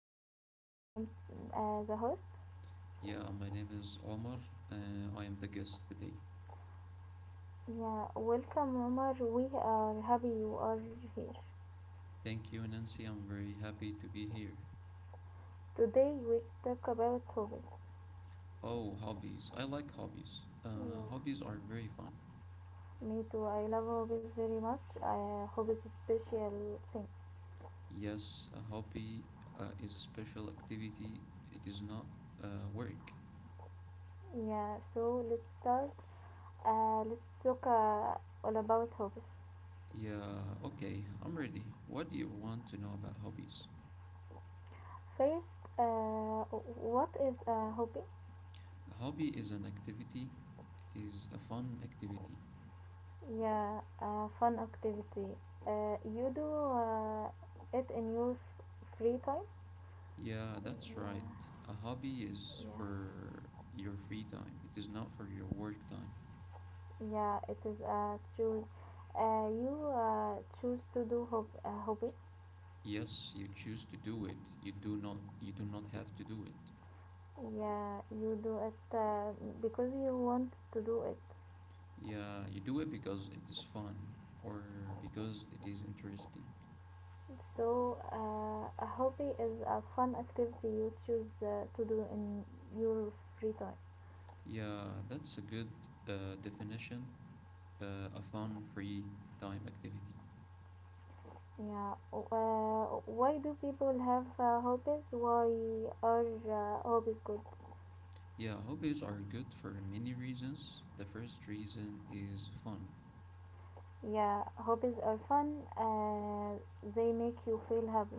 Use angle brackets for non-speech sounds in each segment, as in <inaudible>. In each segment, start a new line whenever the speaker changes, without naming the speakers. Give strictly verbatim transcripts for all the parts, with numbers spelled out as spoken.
name is Nancy. I am uh, the host.
Yeah, my name is Omar. Uh, I am the guest today.
Yeah, welcome, Omar. We are happy you are here.
Thank you, Nancy. I'm very happy to be here.
Today we talk about hobbies.
Oh, hobbies. I like hobbies. Uh,
Yeah,
hobbies are very fun.
me too. I love hobbies very much. Uh, hobbies is special thing.
Yes, a hobby uh, is a special activity, it is not uh, work.
Yeah, so let's start. Uh, let's talk uh, all about hobbies.
Yeah, okay, I'm ready. What do you want to know about hobbies?
First, uh, what is a hobby?
A hobby is an activity, it is a fun activity.
Yeah, uh, fun activity. Uh, you do uh, it in your f- free time?
Yeah, that's right.
Yeah,
A hobby is
yeah,
for your free time. It is not for your work time.
yeah. It is uh, choose. Uh, you uh, choose to do hob- a hobby.
Yes, you choose to do it. You do not you do not have to do it.
Yeah, you do it uh, because you want to do it.
Yeah, you do it because it is fun or because it is interesting.
So uh, a hobby is a fun activity you choose uh, to do in your free time.
Yeah, that's a good uh, definition. Uh, a fun free time activity.
Yeah. Uh, why do people have uh, hobbies? Why are uh, hobbies good?
Yeah, hobbies are good for many reasons. The first reason is fun.
Yeah, hobbies are fun. Uh, they make you feel happy.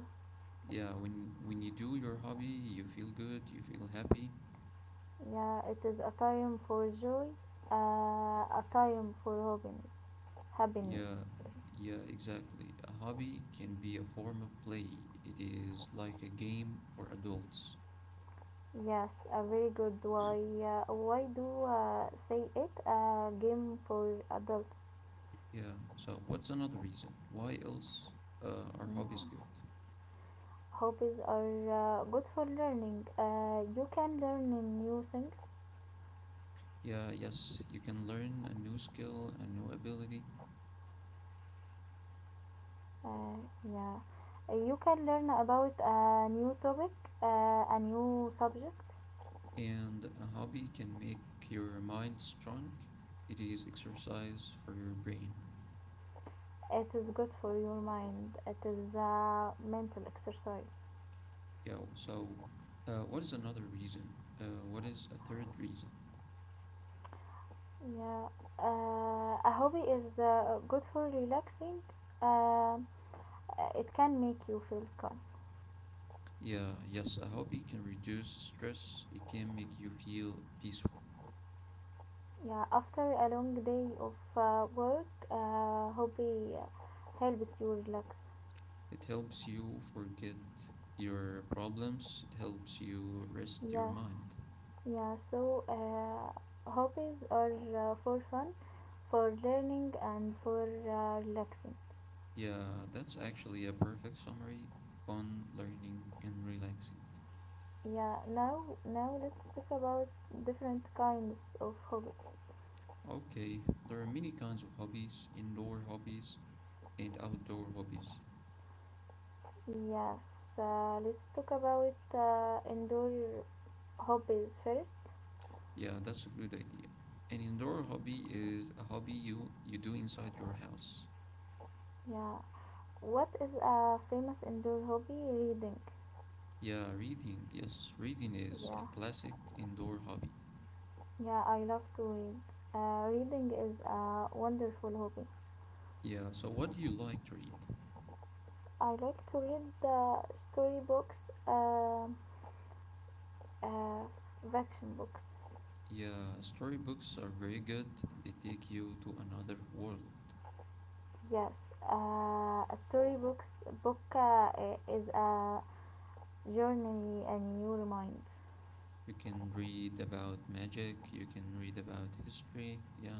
Yeah, when when you do your hobby, you feel good, you feel happy.
Yeah, it is a time for joy. Uh, a time for happiness. Happiness.
Yeah, yeah, exactly. A hobby can be a form of play. It is like a game for adults.
Yes, a very good why. Uh, why do uh, say it? A game for adults.
Yeah. So, what's another reason? Why else uh, are hobbies
Yeah.
good?
Hobbies are uh, good for learning. Uh, you can learn in new things.
Yeah, yes, you can learn a new skill, a new ability,
Uh, yeah, Uh, you can learn about a new topic, uh, a new subject.
and a hobby can make your mind strong. It is exercise for your brain.
It is good for your mind. It is a mental exercise.
Yeah. So, uh, what is another reason? Uh, what is a third reason?
Yeah, uh, a hobby is uh, good for relaxing. Um it can make you feel calm.
Yeah, yes, a hobby can reduce stress. It can make you feel peaceful.
Yeah, after a long day of uh, work, uh, hobby uh, helps you relax.
It helps you forget your problems. It helps you rest your
Yeah.
mind.
Yeah, so uh, hobbies are uh, for fun, for learning, and for uh, relaxing.
Yeah, that's actually a perfect summary. Fun, learning, and relaxing.
Yeah, now now let's talk about different kinds of hobbies.
Okay, there are many kinds of hobbies, indoor hobbies and outdoor hobbies.
Yes, uh, let's talk about uh, indoor hobbies first.
Yeah, that's a good idea. An indoor hobby is a hobby you, you do inside your house.
Yeah, what is a famous indoor hobby? Reading.
Yeah, reading. Yes, reading is a
Yeah,
classic indoor hobby.
yeah, I love to read. Uh, reading is a wonderful hobby.
Yeah, so what do you like to read?
I like to read uh, storybooks. um Uh, Fiction books.
Yeah, storybooks are very good. They take you to another world.
Yes, uh, a story books book uh, is a journey in your mind.
You can read about magic, you can read about history. Yeah.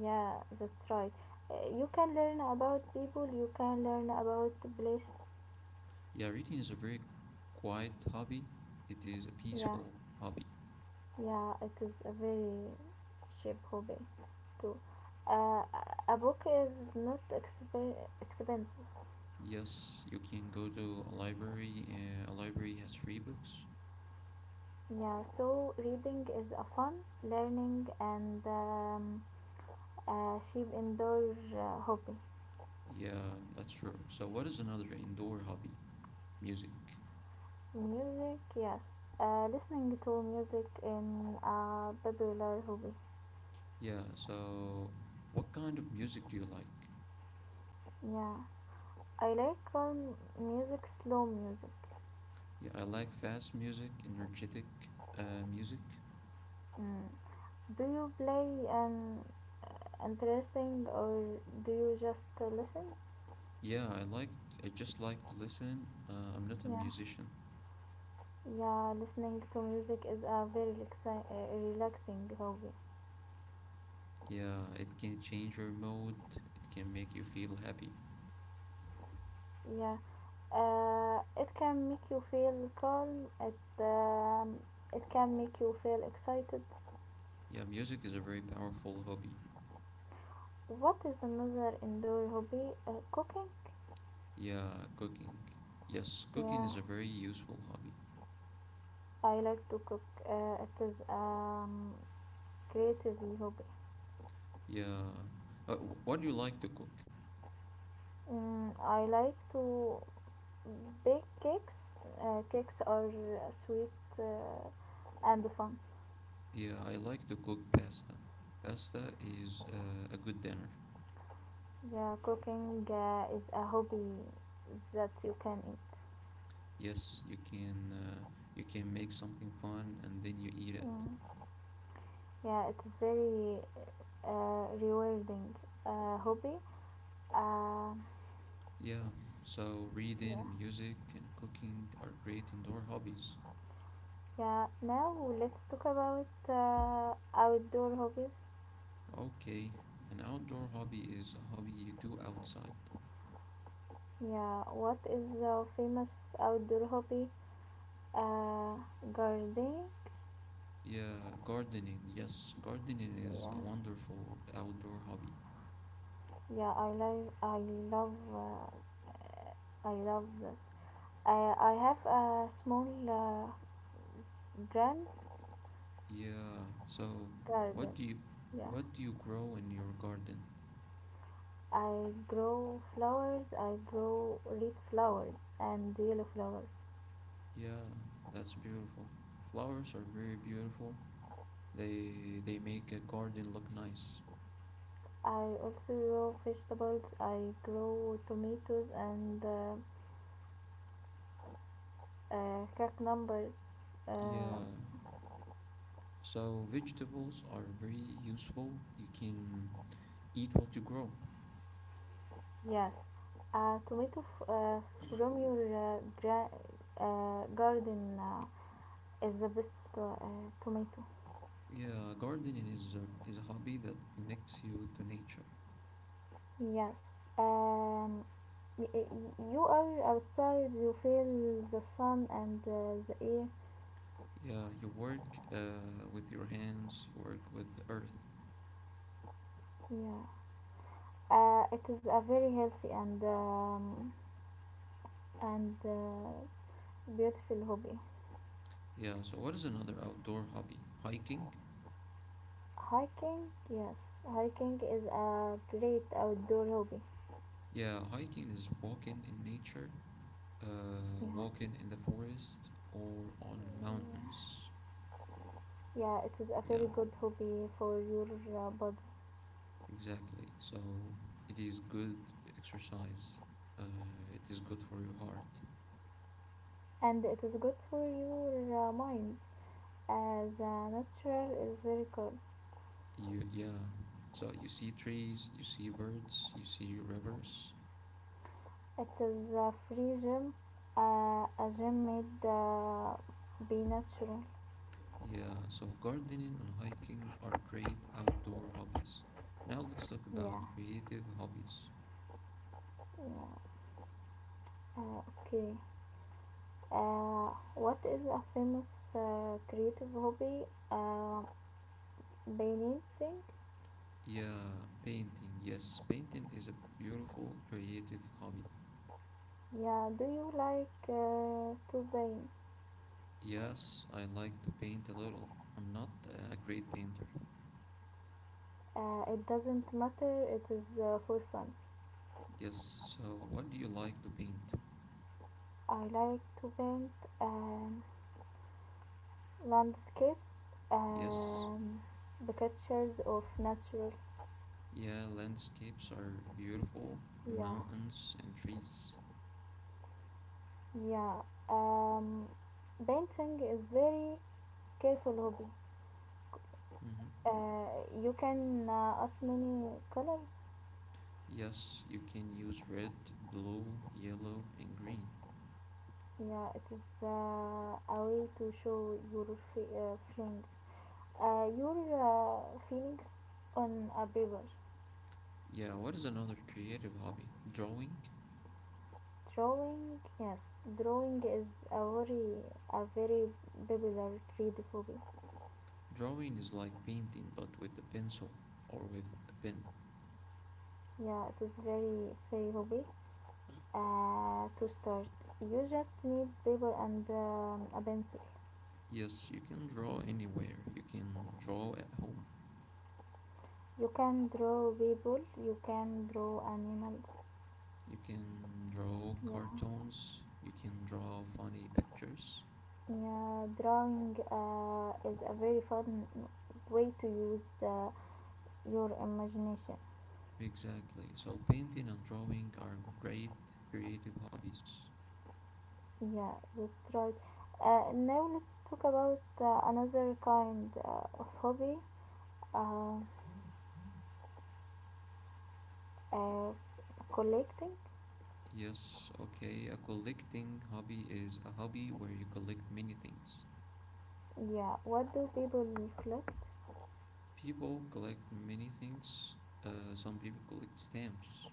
Yeah, that's right. Uh, you can learn about people. You can learn about places.
Yeah, reading is a very quiet hobby. It is a
Yeah,
peaceful hobby.
yeah. It is a very cheap hobby too. Uh, a book is not exp- expensive.
Yes, you can go to a library. Uh, a library has free books.
Yeah, so reading is a fun, learning, and um, a cheap indoor uh, hobby.
Yeah, that's true. So what is another indoor hobby? Music.
Music, yes. Uh, listening to music in a popular hobby.
Yeah, so what kind of music do you like?
Yeah. I like calm music, slow music.
Yeah, I like fast music, energetic uh, music.
Mm. Do you play an uh, interesting or do you just uh, listen?
Yeah, I like, I just like to listen. Uh, I'm not a
Yeah.
musician.
Yeah, listening to music is a very relaxi- uh, relaxing hobby.
Yeah, it can change your mood, it can make you feel happy.
Yeah. Uh, it can make you feel calm. It um, it can make you feel excited.
Yeah, music is a very powerful hobby.
What is another indoor hobby? Uh, cooking.
Yeah, cooking. Yes, cooking
Yeah,
is a very useful hobby.
I like to cook. Uh, it is um creative hobby.
Yeah. Uh, wh- what do you like to cook?
Mm, I like to bake cakes. Uh, cakes are uh, sweet uh, and fun.
Yeah, I like to cook pasta. Pasta is uh, a good dinner.
Yeah, cooking uh, is a hobby that you can eat.
Yes, you can uh, you can make something fun and then you eat it.
Mm, yeah, it is very uh, rewarding uh, hobby. Uh,
Yeah, so
yeah.
reading, music, and cooking are great indoor hobbies.
Yeah, now let's talk about uh, outdoor hobbies.
Okay, an outdoor hobby is a hobby you do outside.
Yeah, what is the famous outdoor hobby? Uh, gardening.
Yeah, gardening. Yes, gardening is a
Yes.
wonderful outdoor hobby.
Yeah, I love. I love. Uh, I love that. I I have a small uh, grand
Yeah, so
garden.
what do you
Yeah.
what do you grow in your garden?
I grow flowers. I grow red flowers and yellow flowers.
Yeah, that's beautiful. Flowers are very beautiful. They they make a garden look nice.
I also grow vegetables. I grow tomatoes and uh, uh, cucumbers. Uh,
Yeah. So vegetables are very useful. You can eat what you grow.
yes, a tomato f- uh, from your uh, gra- uh, garden uh, is the best uh, tomato.
Yeah, gardening is a, is a hobby that connects you to nature.
Yes. Um, y- y- you are outside. You feel the sun and uh, the air.
Yeah, you work uh, with your hands, you work with the earth.
Yeah. Uh, it is a very healthy and um, and uh, beautiful hobby.
Yeah, so what is another outdoor hobby? Hiking?
Hiking, yes, hiking is a great outdoor hobby.
Yeah, hiking is walking in nature, uh,
Yeah.
walking in the forest or on mountains.
Yeah, it is a
Yeah.
very good hobby for your uh, body
Exactly. So it is good exercise. Uh, it is good for your heart.
and it is good for your uh, mind as uh, natural is very cool.
You, yeah. So you see trees, you see birds, you see rivers.
It is a free gym, uh, a gym made uh, be natural.
Yeah. So gardening and hiking are great outdoor hobbies. Now let's talk about
Yeah.
creative hobbies.
Yeah, uh, okay. Uh, what is a famous uh, creative hobby? Uh, painting.
Yeah, painting. Yes, painting is a beautiful creative hobby.
Yeah, do you like uh, to paint?
Yes, I like to paint a little. I'm not uh, a great painter.
Uh, it doesn't matter, it is uh, for fun.
Yes, so what do you like to paint?
I like to paint um, landscapes,
Yes.
um, the pictures of natural.
Yeah, landscapes are beautiful,
Yeah,
mountains and trees.
yeah. Um, painting is very careful hobby.
hmm
Uh, you can uh, ask many colors.
Yes, you can use red, blue, yellow, and green.
Yeah, it is uh, a way to show your fe- uh, feelings. Uh, you're a on a paper.
Yeah, what is another creative hobby? Drawing?
Drawing, yes, drawing is a very, a very popular trade hobby.
Drawing is like painting, but with a pencil or with a pen.
Yeah, it is very say hobby. Uh, to start, you just need paper and um, a pencil.
Yes, you can draw anywhere. You can draw at home.
You can draw people. You can draw animals.
You can draw
Yeah,
cartoons. You can draw funny pictures.
yeah. Drawing uh, is a very fun way to use uh, your imagination.
Exactly. So painting and drawing are great creative hobbies.
Yeah, that's right. Uh, now let's talk about uh, another kind uh, of hobby, uh, uh, collecting.
Yes, okay. A collecting hobby is a hobby where you collect many things.
Yeah, what do people collect?
People collect many things. Uh, some people collect stamps.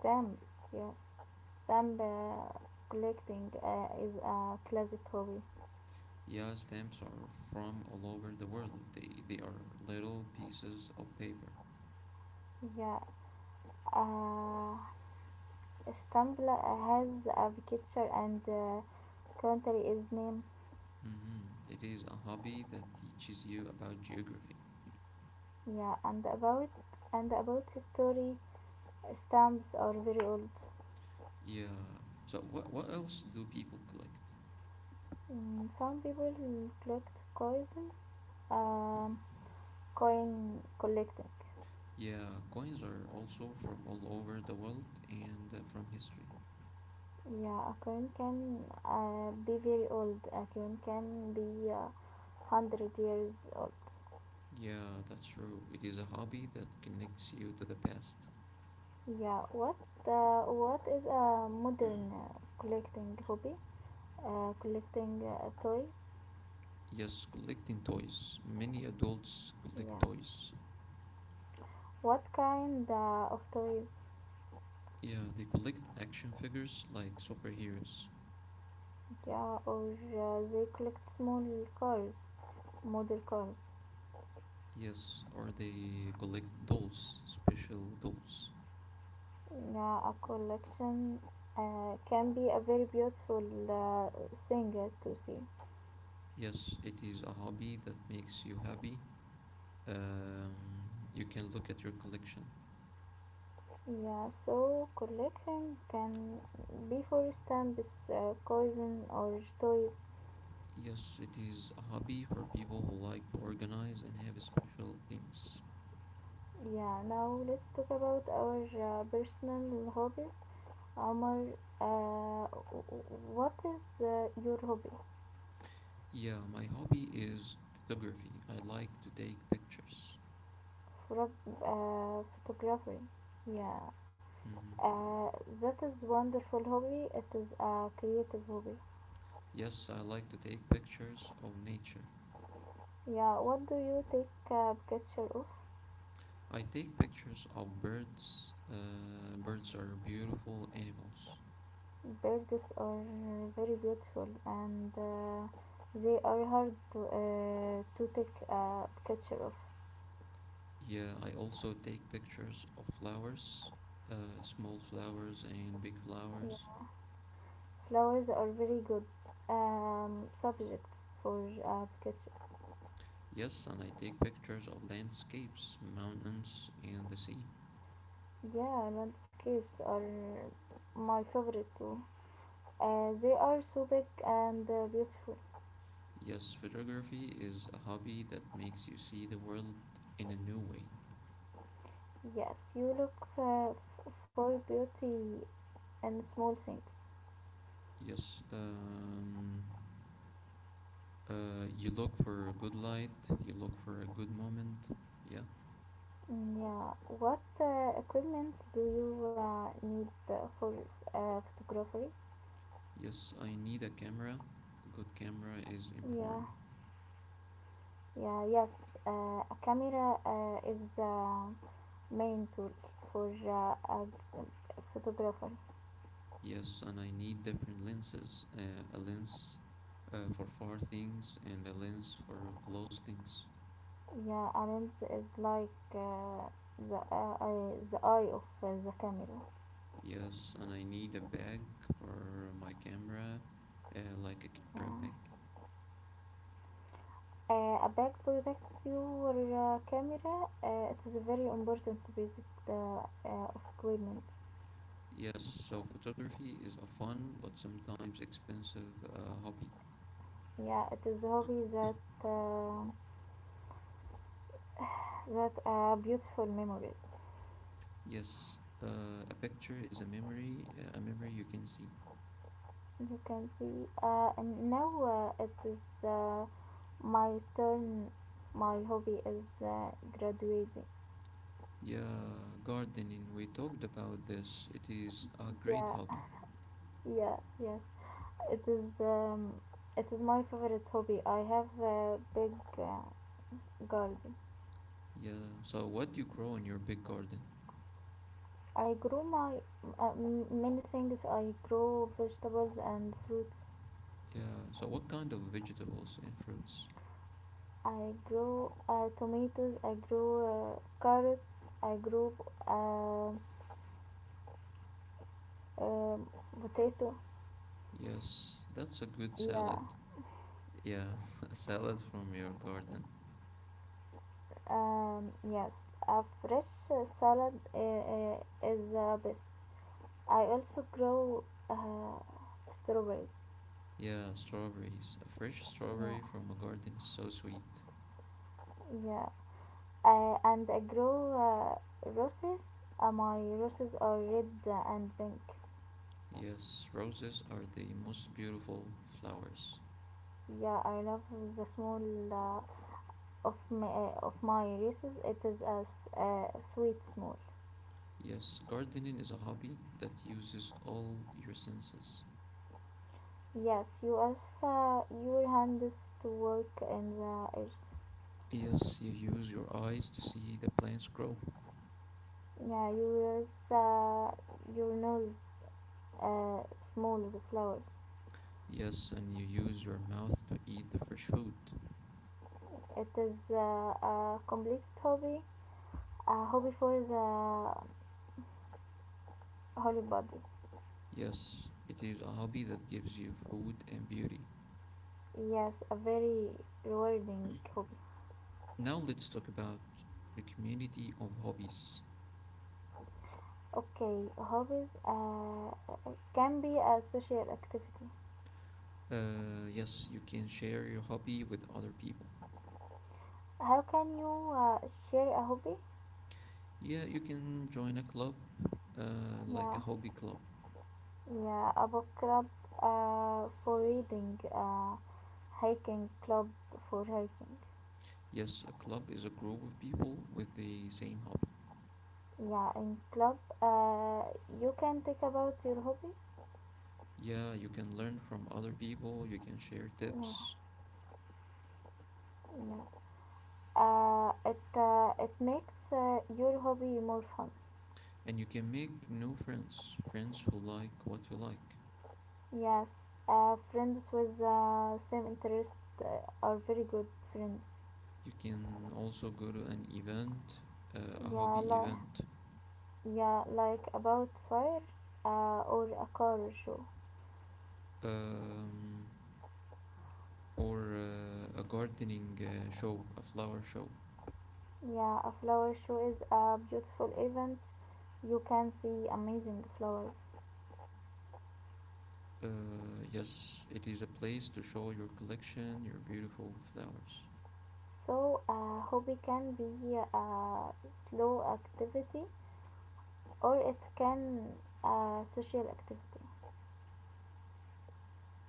Stamps, yes. Stamp uh, collecting uh, is a classic hobby.
Yeah, stamps are from all over the world. They they are little pieces of paper.
Yeah, uh, stamp la- has a picture and uh, country is name.
Mm-hmm. It is a hobby that teaches you about geography.
Yeah, and about and about history, stamps are very old.
Yeah. So what what else do people collect?
Mm, some people collect coins,
Mm.
um, coin collecting.
Yeah, coins are also from all over the world and uh, from history.
Yeah, a coin can uh, be very old. A coin can be uh, hundred years old.
Yeah, that's true. It is a hobby that connects you to the past.
Yeah, what uh, what is a modern uh, collecting hobby? Uh, collecting uh, toys.
Yes, collecting toys. Many adults collect
Yes.
toys.
What kind uh, of toys?
Yeah, they collect action figures like superheroes.
Yeah, or uh, they collect small cars, model cars.
Yes, or they collect dolls, special dolls.
Yeah, a collection uh, can be a very beautiful uh, thing uh, to see.
Yes, it is a hobby that makes you happy. Um, you can look at your collection.
Yeah, so collecting can be for stamps, uh, coins, or toys.
Yes, it is a hobby for people who like to organize and have special things.
Yeah, now let's talk about our uh, personal hobbies. Omar, uh, w- what is uh, your hobby?
Yeah, my hobby is photography. I like to take pictures.
Photog- uh, photography. Yeah,
Mhm.
uh, that is wonderful hobby. It is a creative hobby.
Yes, I like to take pictures of nature.
Yeah, what do you take a picture of?
I take pictures of birds. Uh, birds are beautiful animals.
Birds are uh, very beautiful and uh, they are hard to, uh, to take a picture of.
Yeah, I also take pictures of flowers, uh, small flowers and big flowers.
Yeah. Flowers are very good um, subjects for a picture.
Yes, and I take pictures of landscapes, mountains, and the sea.
Yeah, landscapes are my favorite too. Uh, they are so big and uh, beautiful.
Yes, photography is a hobby that makes you see the world in a new way.
Yes, you look uh, f- for beauty in small things.
Yes, um, uh, you look for a good light, you look for a good moment. Yeah.
Mm, Yeah, what uh, equipment do you uh, need uh, for uh, photography?
Yes, I need a camera. A good camera is
Yeah,
important.
yeah, yes. Uh, a camera uh, is uh, main tool for uh, uh, photography.
Yes, and I need different lenses. Uh, a lens uh, for far things and a lens for close things.
Yeah, a lens is like uh, the uh, eye, the eye of uh, the camera.
Yes, and I need a bag for my camera, uh, like a
Yeah.
camera bag.
Uh, a bag protects your uh, camera. Uh, it is very important to basic uh, uh, of equipment.
Yes, so photography is a fun but sometimes expensive uh, hobby.
Yeah, it is hobby that uh, <sighs> that are beautiful memories.
Yes, uh, a picture is a memory, uh, a memory you can see.
You can see. Uh, and now uh, it is uh, my turn. My hobby is uh, graduating.
Yeah, gardening, we talked about this. It is a great
Yeah,
hobby.
<laughs> yeah, yes. It is. Um, it is my favorite hobby. I have a big uh, garden.
Yeah, so what do you grow in your big garden?
I grow my uh, m- many things. I grow vegetables and fruits.
Yeah, so what kind of vegetables and fruits?
I grow uh, tomatoes, I grow uh, carrots, I grow uh, uh, potato.
Yes, that's a good
Yeah,
salad. Yeah, <laughs> a salad from your garden.
um, yes, a fresh uh, salad uh, uh, is the best. I also grow uh, strawberries.
Yeah, strawberries. A fresh
Yeah,
strawberry from a garden is so sweet.
yeah, uh, and I grow uh, roses. Uh, my roses are red and pink.
Yes, roses are the most beautiful flowers.
Yeah, I love the small uh, of my, uh, of my races it is as uh, sweet small.
Yes, gardening is a hobby that uses all your senses.
Yes, you as uh, your hands to work in the earth.
Yes, you use your eyes to see the plants grow.
Yeah, yours uh, your nose uh, small the flowers.
Yes, and you use your mouth to eat the fresh food.
It is uh, a complete hobby, a hobby for the holy body.
Yes, it is a hobby that gives you food and beauty.
Yes, a very rewarding hobby.
Now let's talk about the community of hobbies.
Okay, hobbies uh, can be a social activity.
Uh, yes, you can share your hobby with other people.
How can you uh, share a hobby?
Yeah, you can join a club, uh, like a
Yeah,
hobby club.
yeah, a book club uh, for reading, uh, hiking club for hiking.
Yes, a club is a group of people with the same hobby.
Yeah, in club, uh, you can think about your hobby.
Yeah, you can learn from other people, you can share
Yeah,
tips,
yeah. Uh, it uh, it makes uh, your hobby more fun.
and you can make new friends, friends who like what you like.
Yes, uh, friends with uh, same interest uh, are very good friends.
You can also go to an event, uh, a
Yeah,
hobby
like
event,
yeah, like about fire, uh, or a car show.
um, or uh, a gardening uh, show, a flower show.
Yeah, a flower show is a beautiful event. You can see amazing flowers.
Uh, yes, it is a place to show your collection, your beautiful flowers.
So, a hobby can be a slow activity or it can a social activity.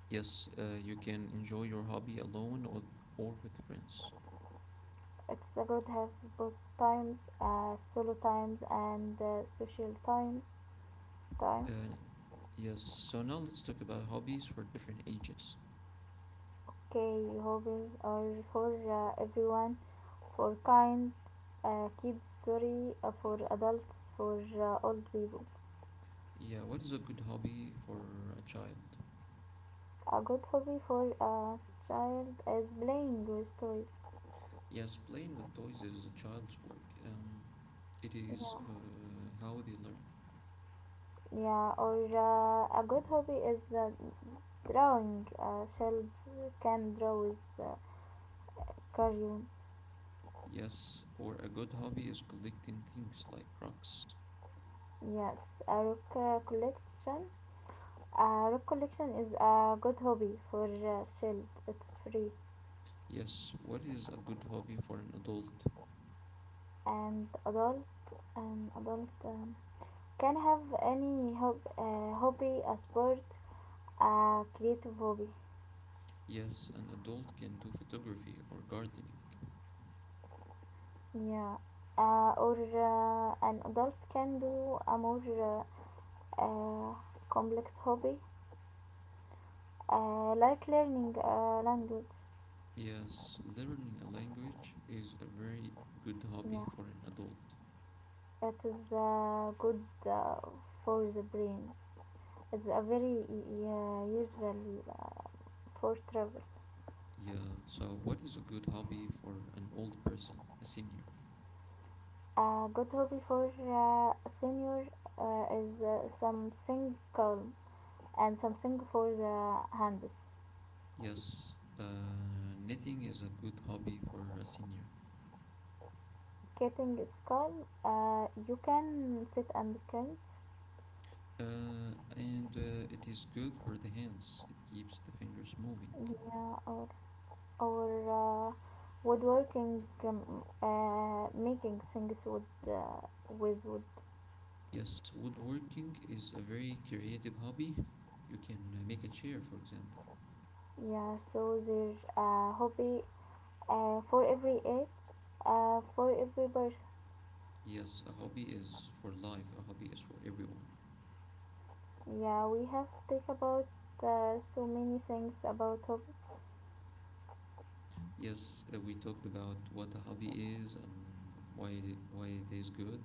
Yes, uh, you can enjoy your hobby alone or, or with friends.
It's a good have both times, uh, solo times and uh, social times. Time.
Uh, yes, so now let's talk about hobbies for different ages.
Okay, hobbies are for uh, everyone, for kind, uh, kids, sorry, uh, for adults, for uh, old people.
Yeah, what is a good hobby for a child?
A good hobby for a child is playing with toys.
Yes, playing with toys is a child's work. Um, it is
Yeah,
uh, how they learn.
yeah. Or uh, a good hobby is uh, drawing. A child can draw with uh, cartoon.
Yes, or a good hobby is collecting things like rocks.
Yes, a rock uh, collection. A rock collection is a good hobby for a child. It's free
Yes, what is a good hobby for an adult?
and adult. And adult um, can have any hob- uh, hobby, a sport, a creative hobby.
Yes, an adult can do photography or gardening.
Yeah, uh, or uh, an adult can do a more uh, uh, complex hobby, uh, like learning a language.
Yes, learning a language is a very good hobby
Yeah,
for an adult.
it is uh, good uh, for the brain. It's a very e, e, uh, useful uh, for travel.
Yeah, so what is a good hobby for an old person, a senior?
A good hobby for uh, senior uh, is uh, something calm and something for the hands.
Yes, uh, knitting is a good hobby for a senior.
Getting is calm. Uh, you can sit and think.
Uh, and uh, it is good for the hands, it keeps the fingers moving.
Yeah or or uh, woodworking, um, uh, making things with uh, with wood.
Yes, woodworking is a very creative hobby. You can uh, make a chair, for example.
Yeah, so there's a hobby uh, for every age uh, for every person.
Yes, a hobby is for life, a hobby is for everyone.
Yeah, we have talk about uh, so many things about hobby.
Yes, uh, we talked about what a hobby is and why it, why it is good.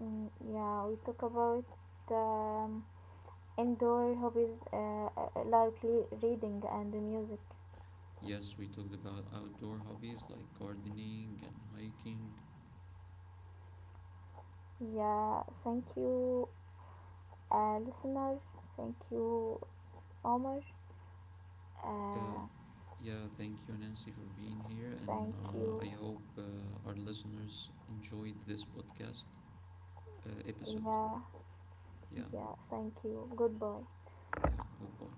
mm, Yeah, we talk about um, indoor hobbies uh, uh, like le- reading and music.
Yes, we talked about outdoor hobbies like gardening and hiking.
Yeah, thank you uh, listener. Thank you, Omar,
Uh,
uh,
yeah, thank you, Nancy, for being here. And
thank
uh,
you.
I hope uh, our listeners enjoyed this podcast uh, episode.
Yeah,
Yeah,
yeah, thank you. Goodbye.
yeah, goodbye.